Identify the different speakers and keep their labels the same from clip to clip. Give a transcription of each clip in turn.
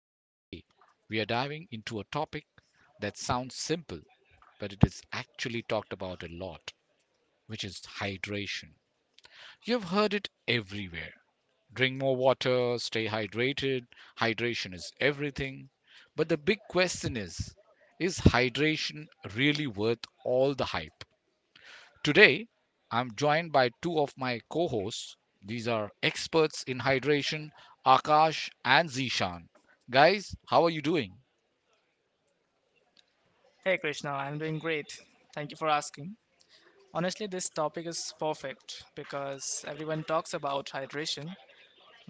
Speaker 1: and today we are diving into a topic that sounds simple, but it is actually talked about a lot, which is hydration. You've heard it everywhere: drink more water, stay hydrated, hydration is everything. But the big question is hydration really worth all the hype? Today, I'm joined by two of my co hosts. These are experts in hydration, Akash and Zishan. Guys, how are you doing?
Speaker 2: Hey Krishna, I'm doing great. Thank you for asking. Honestly, this topic is perfect because everyone talks about hydration,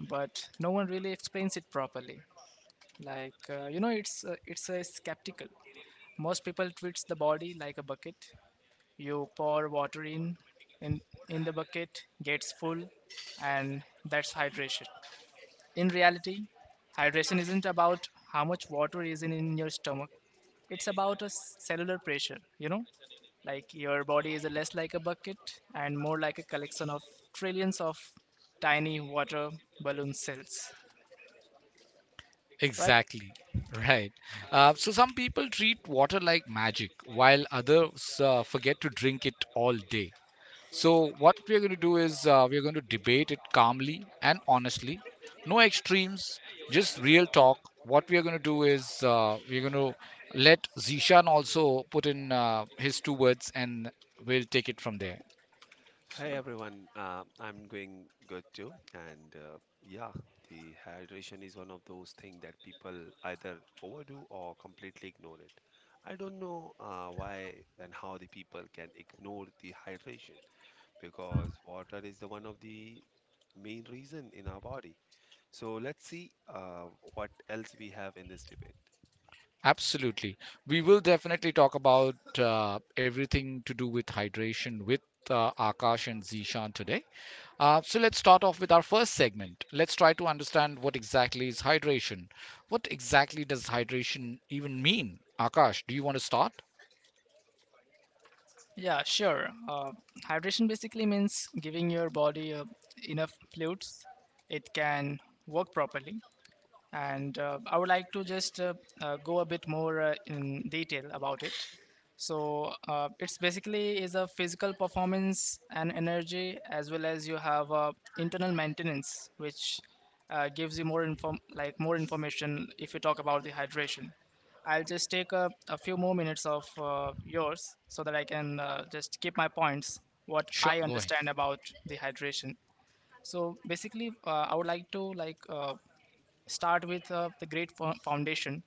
Speaker 2: but no one really explains it properly. Like, it's skeptical. Most people treats the body like a bucket. You pour water in in the bucket, gets full, and that's hydration. In reality, hydration isn't about how much water is in your stomach. It's about a cellular pressure. Like, your body is less like a bucket and more like a collection of trillions of tiny water balloon cells. Right.
Speaker 1: Exactly, right. So, some people treat water like magic, while others forget to drink it all day. So, what we're going to do is we're going to debate it calmly and honestly. No extremes, just real talk. What we are going to do is we're going to let Zishan also put in his two words, and we'll take it from there.
Speaker 3: Hi
Speaker 2: Sure.
Speaker 3: everyone, I'm doing good too, and yeah, the hydration is one of those things that people either overdo or completely ignore it. I don't know why and how the people can ignore the hydration, because water is the one of the main reason in our body. So let's see what else we have in this debate.
Speaker 1: Absolutely. We will definitely talk about everything to do with hydration with Akash and Zishan today. So let's start off with our first segment. Let's try to understand what exactly is hydration. What exactly does hydration even mean? Akash, do you want to start?
Speaker 2: Yeah, sure. Hydration basically means giving your body enough fluids it can work properly. And I would like to just go a bit more in detail about it. So it's basically is a physical performance and energy, as well as you have internal maintenance, which gives you more information if you talk about the hydration. I'll just take a few more minutes of yours, so that I can just keep my points, what
Speaker 1: Sure,
Speaker 2: I
Speaker 1: go ahead.
Speaker 2: understand about the hydration. So basically, I would like to start with the great foundation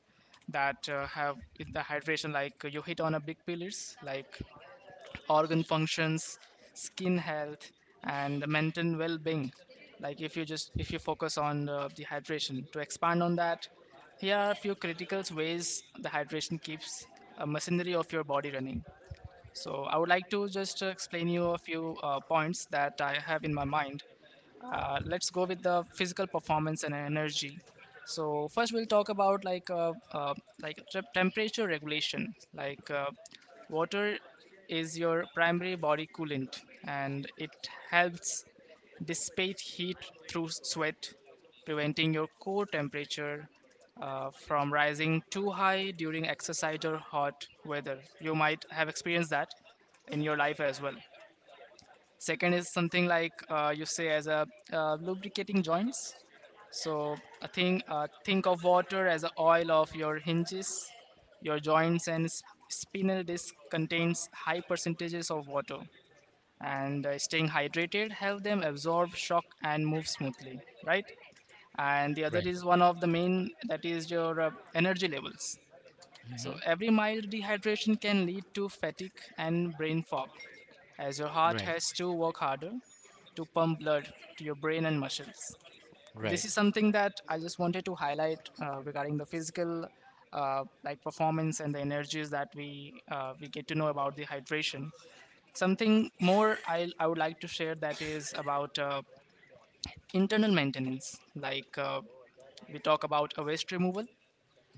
Speaker 2: that have in the hydration. Like, you hit on a big pillars like organ functions, skin health, and mental well-being. Like, if you just if you focus on the hydration, to expand on that, here are a few critical ways the hydration keeps a machinery of your body running. So I would like to just explain you a few points that I have in my mind. Let's go with the physical performance and energy. So first we'll talk about like, like temperature regulation. Like, water is your primary body coolant, and it helps dissipate heat through sweat, preventing your core temperature from rising too high during exercise or hot weather. You might have experienced that in your life as well. Second is something like, you say as a, lubricating joints. So, I think of water as a oil of your hinges. Your joints and spinal disc contains high percentages of water, and staying hydrated help them absorb shock and move smoothly, right? And the other
Speaker 1: Right.
Speaker 2: is one of the main, that is your energy levels.
Speaker 1: Hmm.
Speaker 2: So every mild dehydration can lead to fatigue and brain fog, as your heart
Speaker 1: Right.
Speaker 2: has to work harder to pump blood to your brain and muscles. So
Speaker 1: Right.
Speaker 2: this is something that I just wanted to highlight regarding the physical, like, performance and the energies that we get to know about the hydration. Something more I would like to share, that is about internal maintenance. Like, we talk about a waste removal.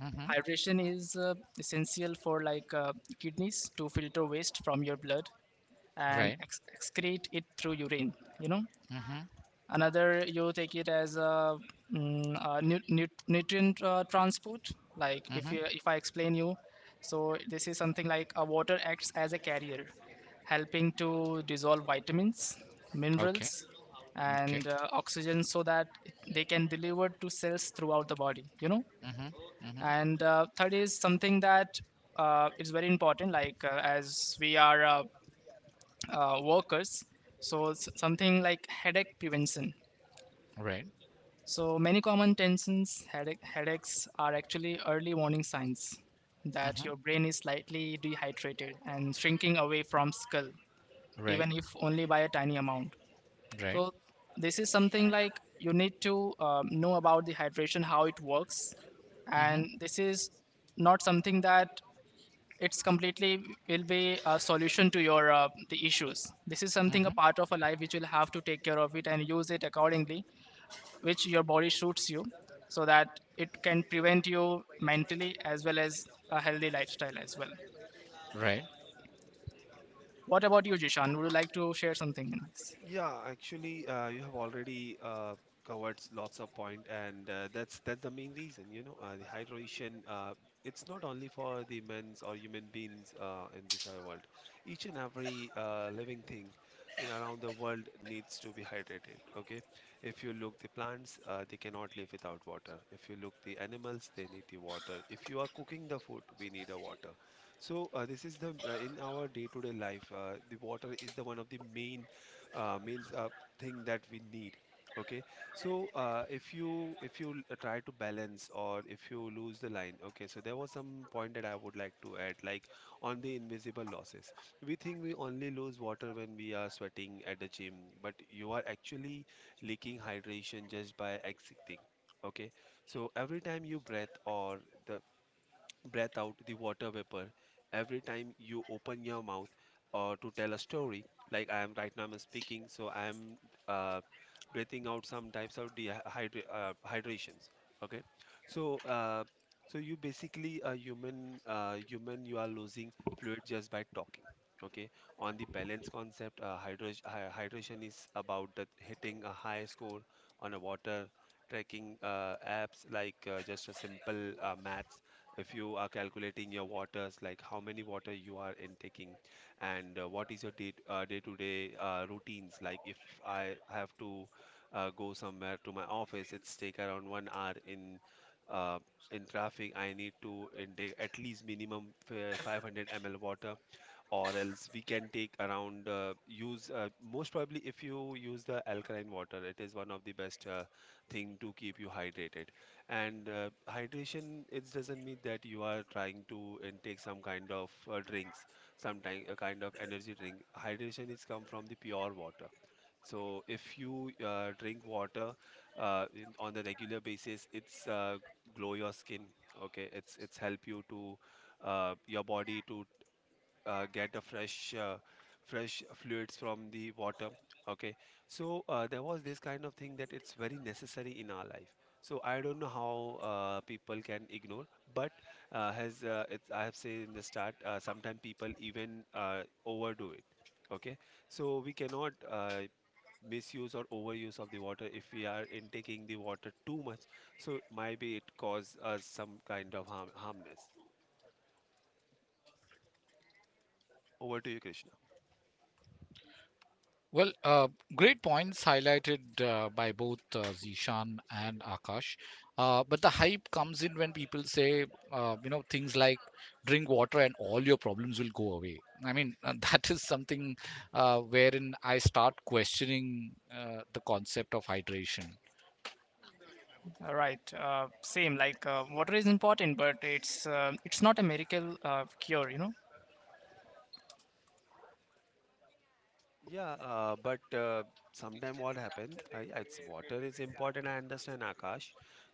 Speaker 1: Hmm.
Speaker 2: Hydration is essential for, like, kidneys to filter waste from your blood and
Speaker 1: Right.
Speaker 2: excrete it through urine. You know,
Speaker 1: Hmm.
Speaker 2: another, you take it as a nutrient transport. Like, if
Speaker 1: Hmm.
Speaker 2: you if I explain you, so this is something like a water acts as a carrier, helping to dissolve vitamins,
Speaker 1: Okay.
Speaker 2: minerals,
Speaker 1: Okay.
Speaker 2: and oxygen, so that they can deliver to cells throughout the body.
Speaker 1: Hmm. Hmm.
Speaker 2: And third is something that is very important. Like, as we are, workers, so something like headache prevention.
Speaker 1: Right.
Speaker 2: So many common tensions, headaches are actually early warning signs that
Speaker 1: Hmm.
Speaker 2: your brain is slightly dehydrated and shrinking away from skull,
Speaker 1: Right.
Speaker 2: even if only by a tiny amount.
Speaker 1: Right.
Speaker 2: So this is something like you need to know about the hydration, how it works,
Speaker 1: Hmm.
Speaker 2: and this is not something that it's completely will be a solution to your the issues. This is something,
Speaker 1: Hmm.
Speaker 2: a part of a life which you will have to take care of it and use it accordingly, which your body suits you, so that it can prevent you mentally as well as a healthy lifestyle as well.
Speaker 1: Right.
Speaker 2: What about you, Jishan, would you like to share something in this?
Speaker 3: Yeah, actually, you have already covered lots of point, and that's the main reason. You know, the hydration. It's not only for the men's or human beings in this world. Each and every living thing around the world needs to be hydrated. Okay, if you look the plants, they cannot live without water. If you look the animals, they need the water. If you are cooking the food, we need a water. So this is the in our day-to-day life, the water is the one of the main means a thing that we need. Okay, so if you try to balance, or if you lose the line. Okay, so there was some point that I would like to add, like on the invisible losses. We think we only lose water when we are sweating at the gym, but you are actually leaking hydration just by exiting. Okay, so every time you breathe or the breath out the water vapor, every time you open your mouth or to tell a story, like I am right now, I'm speaking, so I am uh, breathing out some types of hydrations. Okay, so so you basically a human, human, you are losing fluid just by talking. Okay, on the balance concept, hydration is about that hitting a high score on a water tracking apps, like just a simple math. If you are calculating your waters, like how many water you are intaking, and what is your day, day-to-day routines. Like if I have to go somewhere to my office, it's take around 1 hour uh, in traffic. I need to intake at least minimum 500 ml water, or else we can take around, use most probably, if you use the alkaline water, it is one of the best thing to keep you hydrated. And hydration, it doesn't mean that you are trying to intake some kind of drinks. Sometime a kind of energy drink, hydration is come from the pure water. So if you drink water on the regular basis, it's glow your skin. Okay, it's help you to your body to get the fresh fresh fluids from the water. Okay, so there was this kind of thing that it's very necessary in our life. So I don't know how people can ignore, but I have said in the start, sometimes people even overdo it. Okay, so we cannot misuse or overuse of the water. If we are intaking the water too much, so maybe it cause us some kind of harmness. Over to you, Krishna.
Speaker 1: Well, great points highlighted by both Zishan and Akash. But the hype comes in when people say, things like drink water and all your problems will go away. I mean, that is something wherein I start questioning the concept of hydration.
Speaker 2: All right, same, like, water is important, but it's not a miracle cure.
Speaker 3: Yeah, but sometime what happen? Yeah, it's water is important. I understand, Akash,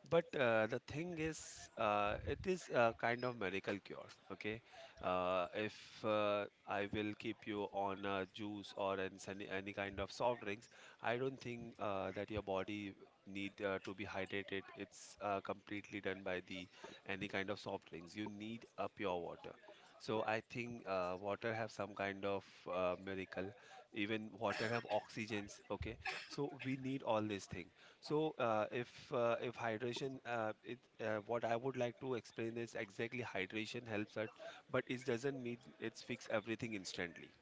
Speaker 3: but the thing is, it is a kind of miracle cure. Okay, if I will keep you on a juice or any kind of soft drinks, I don't think that your body need to be hydrated. It's completely done by the any kind of soft drinks. You need a pure water. So I think water have some kind of miracle. Even water have oxygens. Okay, so we need all these things. So if hydration what I would like to explain is exactly hydration helps us, but it doesn't mean it's fix everything instantly.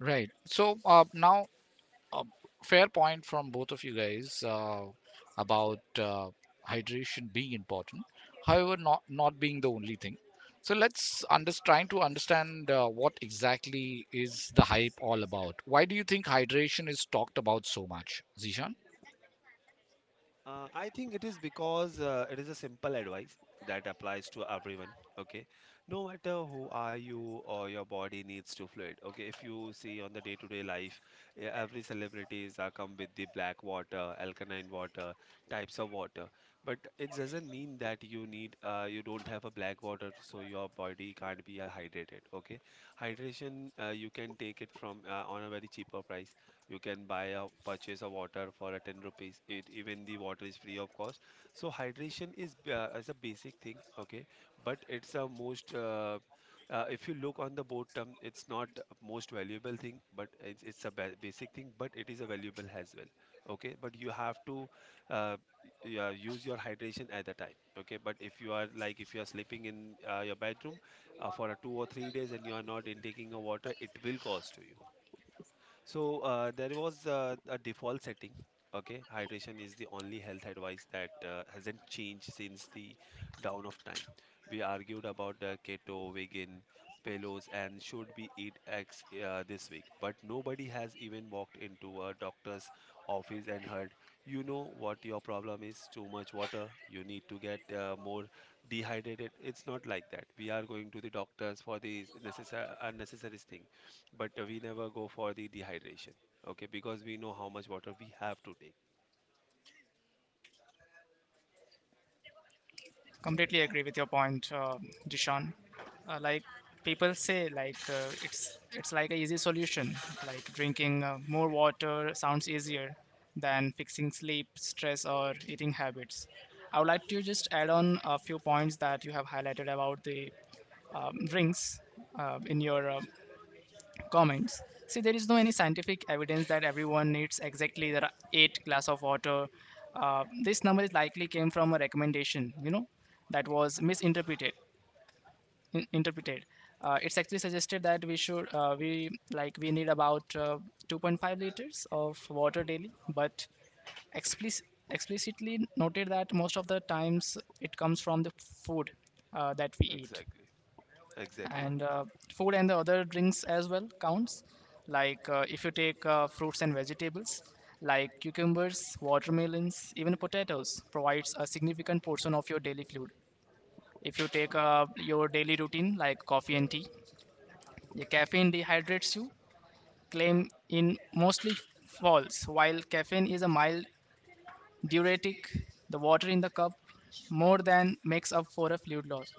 Speaker 1: Right. So now, a fair point from both of you guys about hydration being important, however not being the only thing. So let's trying to understand what exactly is the hype all about. Why do you think hydration is talked about so much, Zishan?
Speaker 3: I think it is because it is a simple advice that applies to everyone. Okay, no matter who are you, or your body needs to fluid. Okay, if you see on the day-to-day life, every celebrities are come with the black water, alkaline water, types of water. But it doesn't mean that you need you don't have a black water, so your body can't be hydrated. Okay, hydration, you can take it from on a very cheaper price. You can buy a purchase a water for a 10 rupees, it, even the water is free of cost. So hydration is as a basic thing. Okay, but it's a most if you look on the bottom, it's not most valuable thing, but it's a basic thing, but it is a valuable as well. Okay, but you have to uh, use your hydration at the time. Okay, but if you are like, if you are sleeping in your bedroom for a 2 or 3 days, and you are not intaking a water, it will cost to you. So there was a default setting. Okay, hydration is the only health advice that hasn't changed since the dawn of time. We argued about the keto, vegan, paleos, and should we eat eggs this week, but nobody has even walked into a doctor's office and heard, you know what your problem is? Too much water. You need to get more dehydrated. It's not like that. We are going to the doctors for these necessary unnecessary things, but we never go for the dehydration. Okay, because we know how much water we have to take.
Speaker 2: Completely agree with your point, Dishan. Like, people say, like, it's like a easy solution. Like, drinking more water sounds easier than fixing sleep, stress, or eating habits. I would like to just add on a few points that you have highlighted about the drinks in your comments. See, there is no any scientific evidence that everyone needs exactly the eight glass of water. This number is likely came from a recommendation, you know, that was misinterpreted. Interpreted. It's actually suggested that we should we like we need about 2.5 liters of water daily, but explicit, explicitly noted that most of the times it comes from the food that we eat.
Speaker 3: Exactly. Exactly.
Speaker 2: And food and the other drinks as well counts. Like, if you take fruits and vegetables like cucumbers, watermelons, even potatoes, provides a significant portion of your daily fluid. If you take your daily routine like coffee and tea, the caffeine dehydrates you claim in mostly false, while caffeine is a mild diuretic, the water in the cup more than makes up for a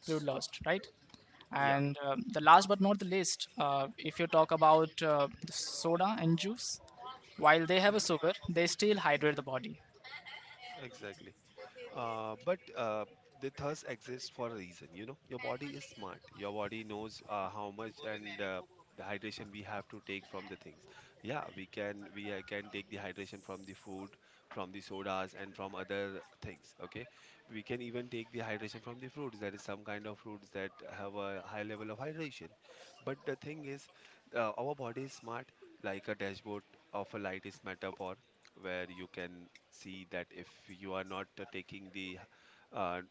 Speaker 2: fluid lost, right?
Speaker 3: Yeah.
Speaker 2: And the last but not the least, if you talk about the soda and juice, while they have a
Speaker 3: Mhm,
Speaker 2: sugar, they still hydrate the body.
Speaker 3: exactly. But the thirst exists for a reason. You know, your body is smart. Your body knows how much, and the hydration we have to take from the things. Yeah, we can take the hydration from the food, from the sodas, and from other things. Okay, we can even take the hydration from the fruits. That is some kind of fruits that have a high level of hydration. But the thing is, our body is smart, like a dashboard of a light is metaphor, where you can see that if you are not taking the uh,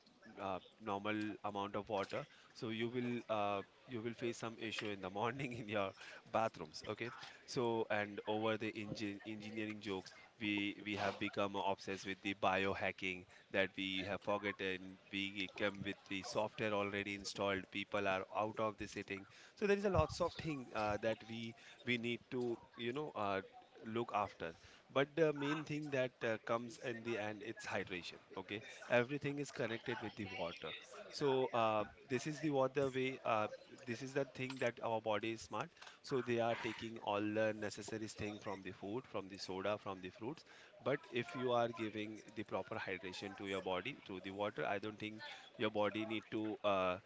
Speaker 3: normal amount of water, so you will face some issue in the morning in your bathrooms. Okay, so and over the engineering jokes, we have become obsessed with the biohacking, that we have forgotten we come with the software already installed. People are out of the sitting. So there is a lots of thing that we need to, you know, look after. But the main thing that comes in the end, it's hydration. Okay, everything is connected with the water. So this is the water way. This is the thing that our body is smart. So they are taking all the necessary thing from the food, from the soda, from the fruits. But if you are giving the proper hydration to your body through the water, I don't think your body need to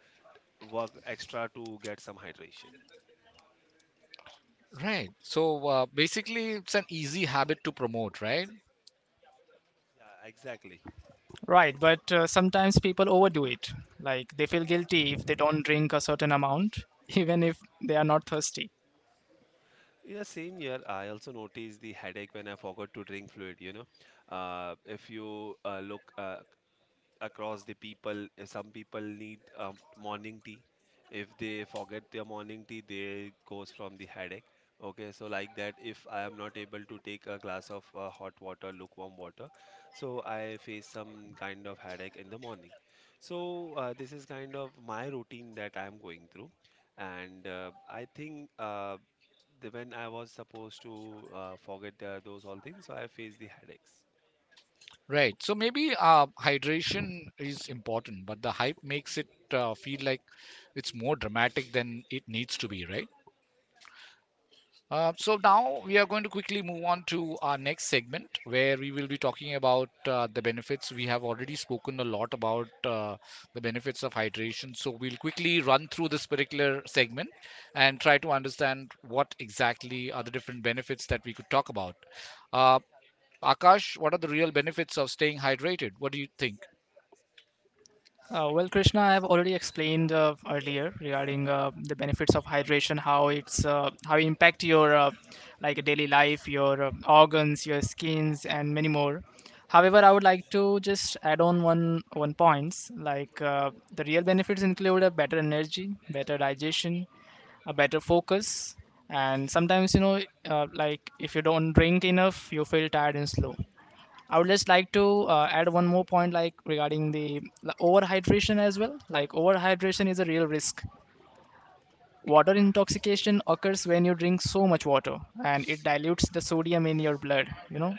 Speaker 3: work extra to get some hydration.
Speaker 1: Right. So basically it's an easy habit to promote, right?
Speaker 3: Yeah, exactly.
Speaker 2: Right, but sometimes people overdo it. Like, they feel guilty if they don't drink a certain amount, even if they are not thirsty.
Speaker 3: Yeah, same here. I also noticed the headache when I forgot to drink fluid, you know. If you look across the people. Some people need morning tea. If they forget their morning tea, they goes from the headache. Okay, so like that, if I am not able to take a glass of hot water, lukewarm water, so I face some kind of headache in the morning. So this is kind of my routine that I am going through, and I think when I was supposed to forget those all things, so I faced the headaches.
Speaker 1: Right. So maybe hydration is important, but the hype makes it feel like it's more dramatic than it needs to be, right? So now we are going to quickly move on to our next segment, where we will be talking about the benefits. We have already spoken a lot about the benefits of hydration. So we'll quickly run through this particular segment and try to understand what exactly are the different benefits that we could talk about. Uh, Akash, what are the real benefits of staying hydrated? What do you think?
Speaker 2: Well, Krishna, I have already explained earlier regarding the benefits of hydration, how it impact your like daily life, your organs, your skins, and many more. However, I would like to just add on one points, like, the real benefits include a better energy, better digestion, a better focus, and sometimes, you know, like, if you don't drink enough, you feel tired and slow. I would just like to add one more point, like, regarding the overhydration as well. Like, overhydration is a real risk. Water intoxication occurs when you drink so much water, and it dilutes the sodium in your blood. You know,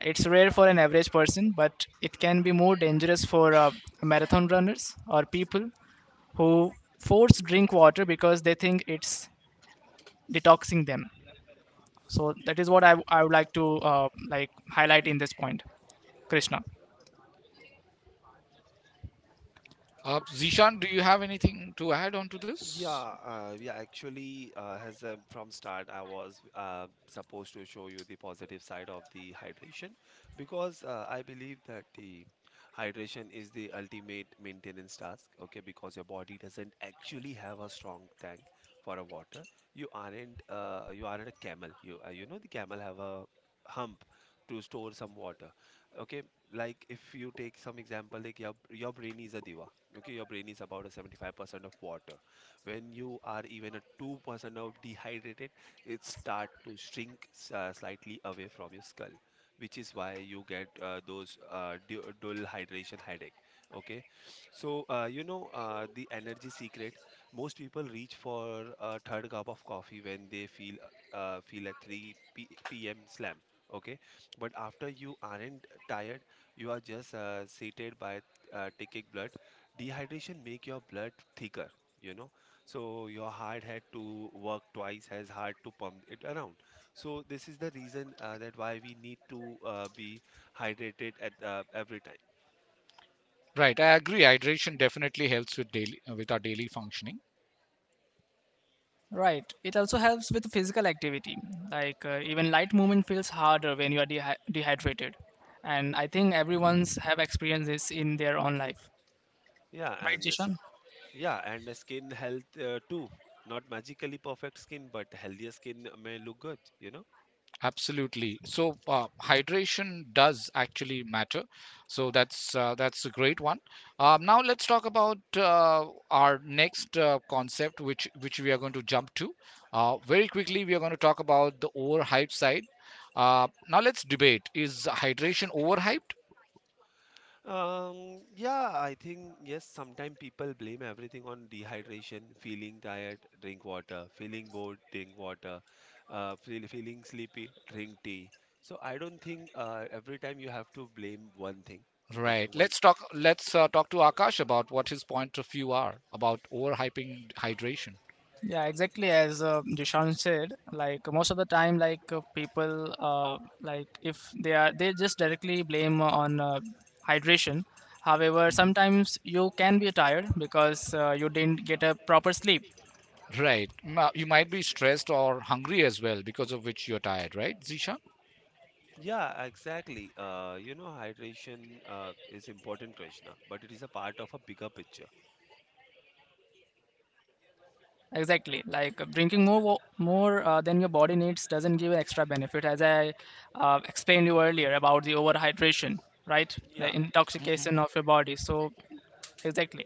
Speaker 2: it's rare for an average person, but it can be more dangerous for marathon runners or people who force drink water because they think it's detoxing them. So that is what I would like to like, highlight in this point, Krishna.
Speaker 1: Zishan, do you have anything to add on to this?
Speaker 3: Yeah, yeah, actually, as from start, I was supposed to show you the positive side of the hydration, because I believe that the hydration is the ultimate maintenance task. Okay, because your body doesn't actually have a strong tank for a water. You aren't a camel. You know, the camel have a hump to store some water. Okay, like if you take some example, like your brain is a diva. Okay, your brain is about a 75% of water. When you are even a 2% of dehydrated, it start to shrink, slightly away from your skull, which is why you get those dual hydration headache. Okay. So the energy secret, most people reach for a third cup of coffee when they feel a 3 p.m slam. Okay. But after, you aren't tired. You are just sated by taking blood. Dehydration make your blood thicker, you know, so your heart had to work twice as hard to pump it around. So this is the reason that why we need to be hydrated at every time.
Speaker 1: Right, I agree. Hydration definitely helps with daily with our daily functioning.
Speaker 2: Right. It also helps with physical activity. Like, even light movement feels harder when you are dehydrated. And I think everyone's have experienced this in their own life.
Speaker 3: Yeah,
Speaker 2: Right,
Speaker 3: and this
Speaker 2: Jishan?
Speaker 3: yeah, and the skin health too. Not magically perfect skin, but healthier skin may look good.
Speaker 1: Absolutely. So hydration does actually matter. So that's a great one. Now let's talk about our next concept, which we are going to jump to. Very quickly, we are going to talk about the overhyped side. Now let's debate: is hydration overhyped?
Speaker 3: Yeah, I think yes, sometimes people blame everything on dehydration: feeling tired, drink water; feeling bored, drink water; feeling sleepy, drink tea. So I don't think every time you have to blame one thing. Okay,
Speaker 1: Right.
Speaker 3: one.
Speaker 1: Let's talk. Let's talk to Akash about what his point of view are about overhyping hydration.
Speaker 2: Yeah, exactly as Jishan said. Like, most of the time, like, people, like, if they are, they just directly blame on hydration. However,
Speaker 1: Mm-hmm.
Speaker 2: sometimes you can be tired because you didn't get a proper sleep.
Speaker 1: Right. Now, you might be stressed or hungry as well, because of which you're tired, right, Zisha?
Speaker 3: Yeah, exactly. Hydration is important, Krishna, but it is a part of a bigger picture.
Speaker 2: Exactly. Like, drinking more than your body needs doesn't give an extra benefit, as I explained you earlier about the overhydration, right?
Speaker 3: Yeah.
Speaker 2: The intoxication of your body. So exactly,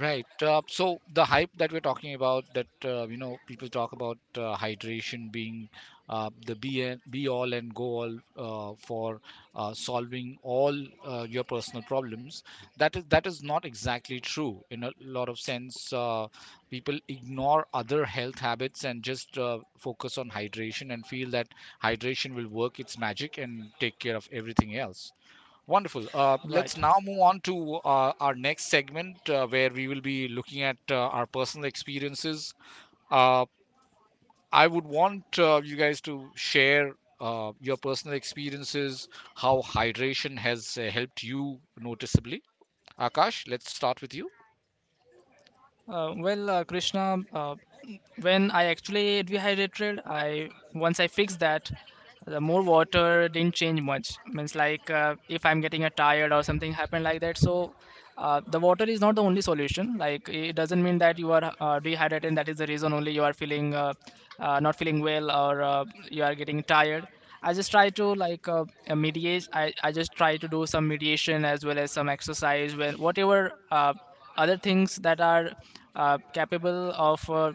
Speaker 1: Right. So the hype that we're talking about, that people talk about hydration being the be and, be all and go all for solving all your personal problems. That is not exactly true in a lot of sense. People ignore other health habits and just focus on hydration and feel that hydration will work its magic and take care of everything else. Wonderful. Let's
Speaker 2: right.
Speaker 1: now move on to our next segment where we will be looking at our personal experiences. Uh, I would want you guys to share your personal experiences, how hydration has helped you noticeably. Akash, let's start with you.
Speaker 2: Well, Krishna, when I actually dehydrated, I fixed that. The more water didn't change much, means like, if I'm getting a tired or something happened like that. So the water is not the only solution. Like, it doesn't mean that you are dehydrated, and that is the reason only you are feeling not feeling well, or you are getting tired. I just try to like, mediate. I just try to do some mediation, as well as some exercise, when whatever other things that are capable of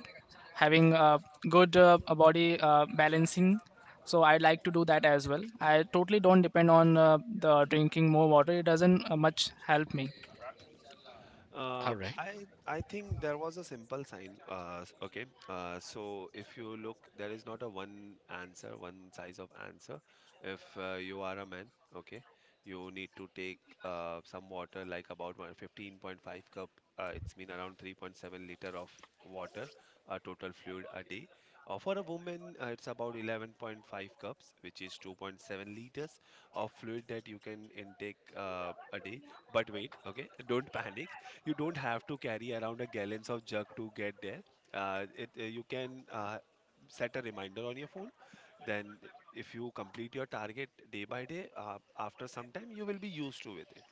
Speaker 2: having a good body balancing. So, I'd like to do that as well. I totally don't depend on the drinking more water. It doesn't much help me.
Speaker 1: All right.
Speaker 3: I think there was a simple sign. Okay. So if you look, there is not a one answer, one size of answer. If you are a man, okay, you need to take some water, like about one 15.5 cup. It's mean around 3.7 liter of water, total fluid a day. For a woman, it's about 11.5 cups, which is 2.7 liters of fluid that you can intake a day. But wait, okay, don't panic. You don't have to carry around a gallons of jug to get there. You can set a reminder on your phone. Then, if you complete your target day by day, after some time, you will be used to with it.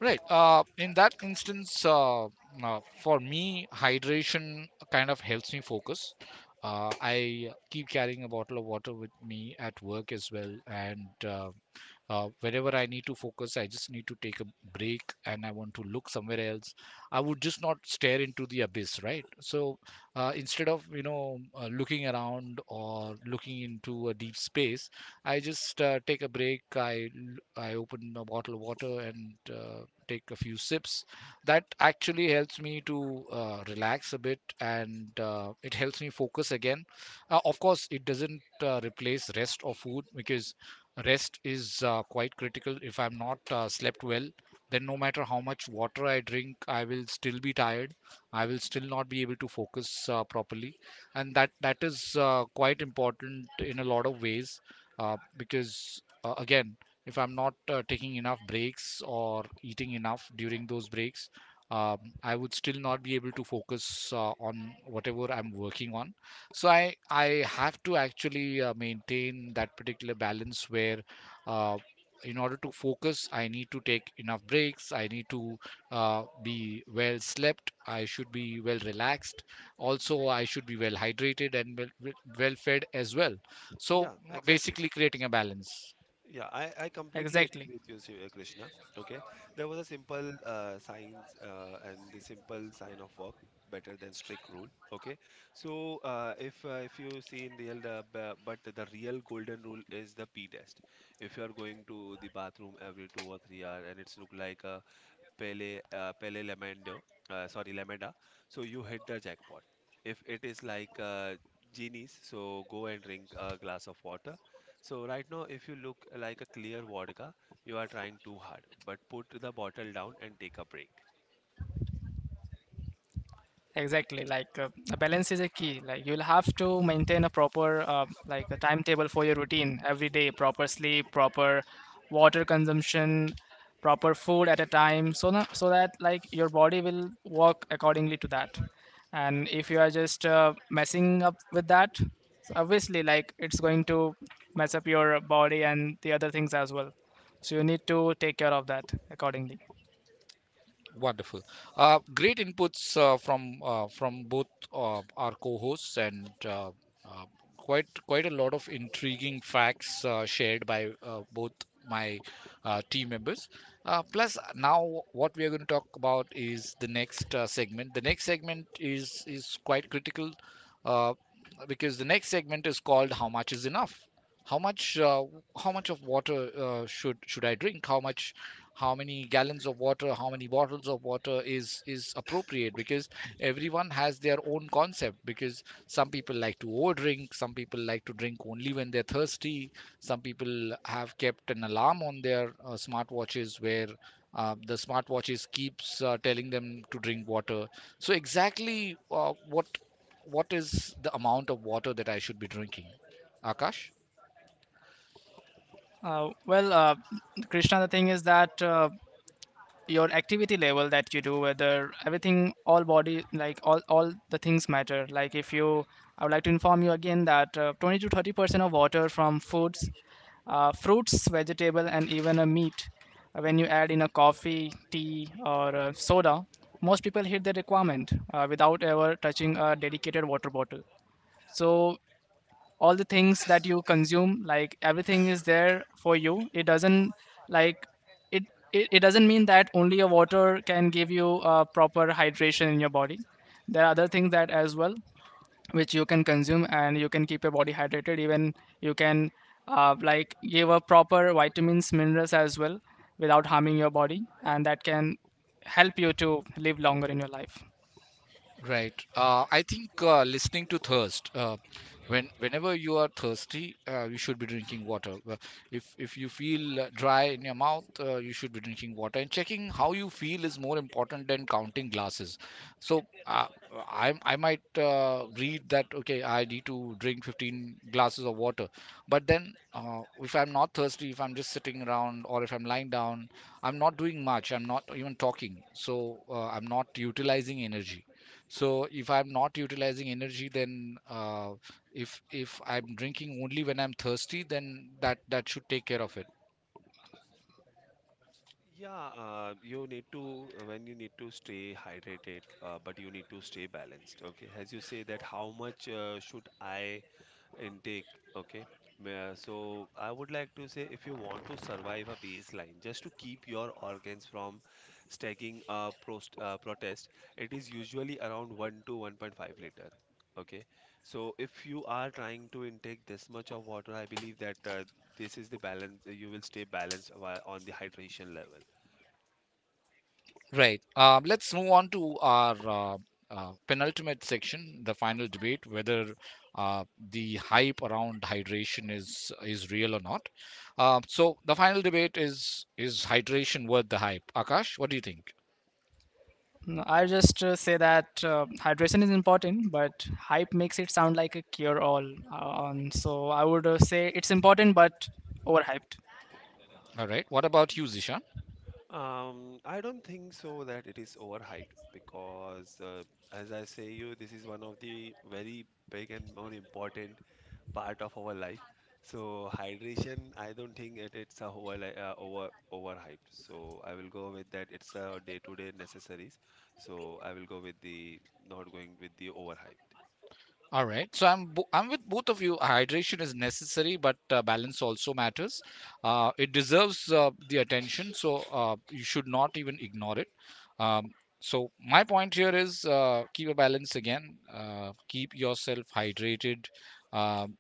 Speaker 1: Right. In that instance, for me, hydration kind of helps me focus. I keep carrying a bottle of water with me at work as well, and wherever I need to focus, I just need to take a break, and I want to look somewhere else. I would just not stare into the abyss, right? So instead of looking around or looking into a deep space, I just take a break. I open a bottle of water and take a few sips. That actually helps me to relax a bit, and it helps me focus again. Of course it doesn't replace rest or food, because rest is quite critical. If I'm not slept well, then no matter how much water I drink, I will still be tired. I will still not be able to focus properly, and that is quite important in a lot of ways, because again, if I'm not taking enough breaks or eating enough during those breaks, um, I would still not be able to focus on whatever I'm working on. So I have to actually maintain that particular balance, where uh, in order to focus, I need to take enough breaks. I need to uh, be well slept. I should be well relaxed. Also, I should be well hydrated and well fed as well. So
Speaker 3: Yeah, exactly.
Speaker 1: basically, creating a balance.
Speaker 3: Yeah, I completely
Speaker 2: Exactly.
Speaker 3: agree with you, Krishna. Okay, there was a simple signs and the simple sign of work better than strict rule. Okay, so if you see in real but the real golden rule is the P test. If you are going to the bathroom every 2 or 3 hour and it's look like a Pele Lamendo, sorry, Lameda, so you hit the jackpot. If it is like genies, so go and drink a glass of water. So right now, if you look like a clear vodka, you are trying too hard, but put the bottle down and take a break.
Speaker 2: Exactly, like, the balance is a key. Like, you'll have to maintain a proper, like, a timetable for your routine every day: proper sleep, proper water consumption, proper food at a time, so that, like, your body will work accordingly to that. And if you are just messing up with that, so obviously, like, it's going to mess up your body and the other things as well. So you need to take care of that accordingly.
Speaker 1: Wonderful. Great inputs from both our co-hosts and uh, quite a lot of intriguing facts shared by both my team members. Plus, now what we are going to talk about is the next segment. The next segment is quite critical, uh, because the next segment is called "How much is enough." How much, how much of water should I drink? How many gallons of water, how many bottles of water is appropriate? Because everyone has their own concept, because some people like to over drink, some people like to drink only when they're thirsty, some people have kept an alarm on their smartwatches, where the smartwatches keeps telling them to drink water. So exactly what is the amount of water that I should be drinking, Akash?
Speaker 2: Well, Krishna, the thing is that your activity level that you do, whether everything, all body, like all the things matter. Like if you, I would like to inform you again that 20 to 30% of water from foods, fruits, vegetable, and even a meat. When you add in a coffee, tea, or soda, most people hit the requirement without ever touching a dedicated water bottle. So all the things that you consume, like, everything is there for you. It doesn't like it it doesn't mean that only a water can give you a proper hydration in your body. There are other things that as well, which you can consume, and you can keep your body hydrated. Even you can like, give a proper vitamins, minerals as well, without harming your body, and that can help you to live longer in your life.
Speaker 1: Right. I think listening to thirst. Whenever you are thirsty, you should be drinking water. If you feel dry in your mouth, you should be drinking water. And checking how you feel is more important than counting glasses. So I might read that, okay, I need to drink 15 glasses of water. But then if I'm not thirsty, if I'm just sitting around or if I'm lying down, I'm not doing much. I'm not even talking. So I'm not utilizing energy. So if I'm not utilizing energy, then if I'm drinking only when I'm thirsty, then that should take care of it.
Speaker 3: Yeah, you need to, when you need to stay hydrated, but you need to stay balanced. Okay, as you say that, how much should I intake? Okay. So I would like to say, if you want to survive a baseline just to keep your organs from stacking a protest, it is usually around 1 to 1.5 liter. Okay. So if you are trying to intake this much of water, I believe that this is the balance. You will stay balanced while on the hydration level.
Speaker 1: Right. Let's move on to our penultimate section, the final debate, whether uh, the hype around hydration is real or not. So the final debate is hydration worth the hype? Akash, what do you think?
Speaker 2: No, I just say that hydration is important, but hype makes it sound like a cure-all. So I would say it's important, but overhyped.
Speaker 1: All right, what about you, Zisha?
Speaker 3: I don't think so that it is overhyped, because as I say you, this is one of the very big and more important part of our life. So hydration, I don't think it's a overhyped. So I will go with that. It's a day-to-day necessaries. So I will go with the, not going with the overhyped.
Speaker 1: All right. So I'm I'm with both of you. Hydration is necessary, but balance also matters. It deserves the attention, so you should not even ignore it. Um, so my point here is, keep a balance again. Keep yourself hydrated. Um,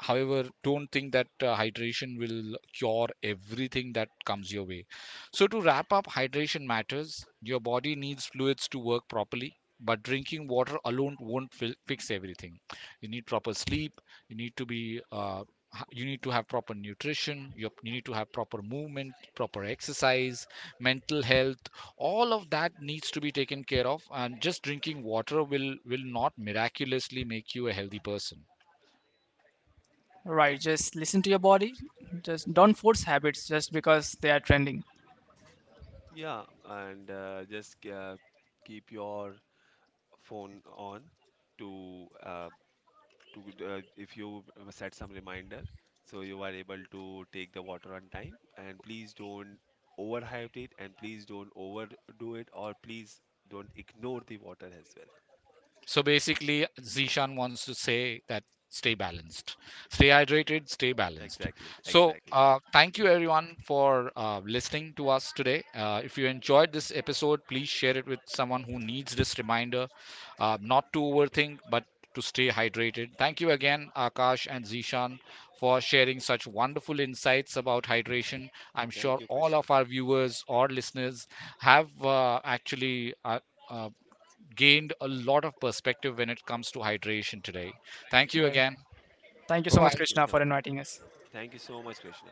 Speaker 1: however, don't think that hydration will cure everything that comes your way. So to wrap up, hydration matters. Your body needs fluids to work properly, but drinking water alone won't fix everything. You need proper sleep. You need to be you need to have proper nutrition. You need to have proper movement, proper exercise, mental health. All of that needs to be taken care of, and just drinking water will not miraculously make you a healthy person.
Speaker 2: Right, just listen to your body. Just don't force habits just because they are trending.
Speaker 3: Yeah, and just keep your phone on to, if you set some reminder, so you are able to take the water on time. And please don't overhydrate, and please don't overdo it, or please don't ignore the water as well.
Speaker 1: So basically, Zishan wants to say that stay balanced, stay hydrated, stay balanced.
Speaker 3: Exactly,
Speaker 1: So
Speaker 3: exactly.
Speaker 1: uh, thank you everyone for listening to us today. If you enjoyed this episode, please share it with someone who needs this reminder, not to overthink, but to stay hydrated. Thank you again, Akash and Zishan, for sharing such wonderful insights about hydration. I'm
Speaker 3: Thank
Speaker 1: sure
Speaker 3: you,
Speaker 1: all
Speaker 3: Krishna.
Speaker 1: of our viewers or listeners have actually. Uh, gained a lot of perspective when it comes to hydration today. Thank you
Speaker 2: Right.
Speaker 1: again.
Speaker 2: Thank you
Speaker 1: Bye
Speaker 2: so much,
Speaker 1: bye.
Speaker 3: Thank you,
Speaker 2: Krishna, for
Speaker 3: thank you.
Speaker 2: inviting us.
Speaker 3: Thank you so much, Krishna.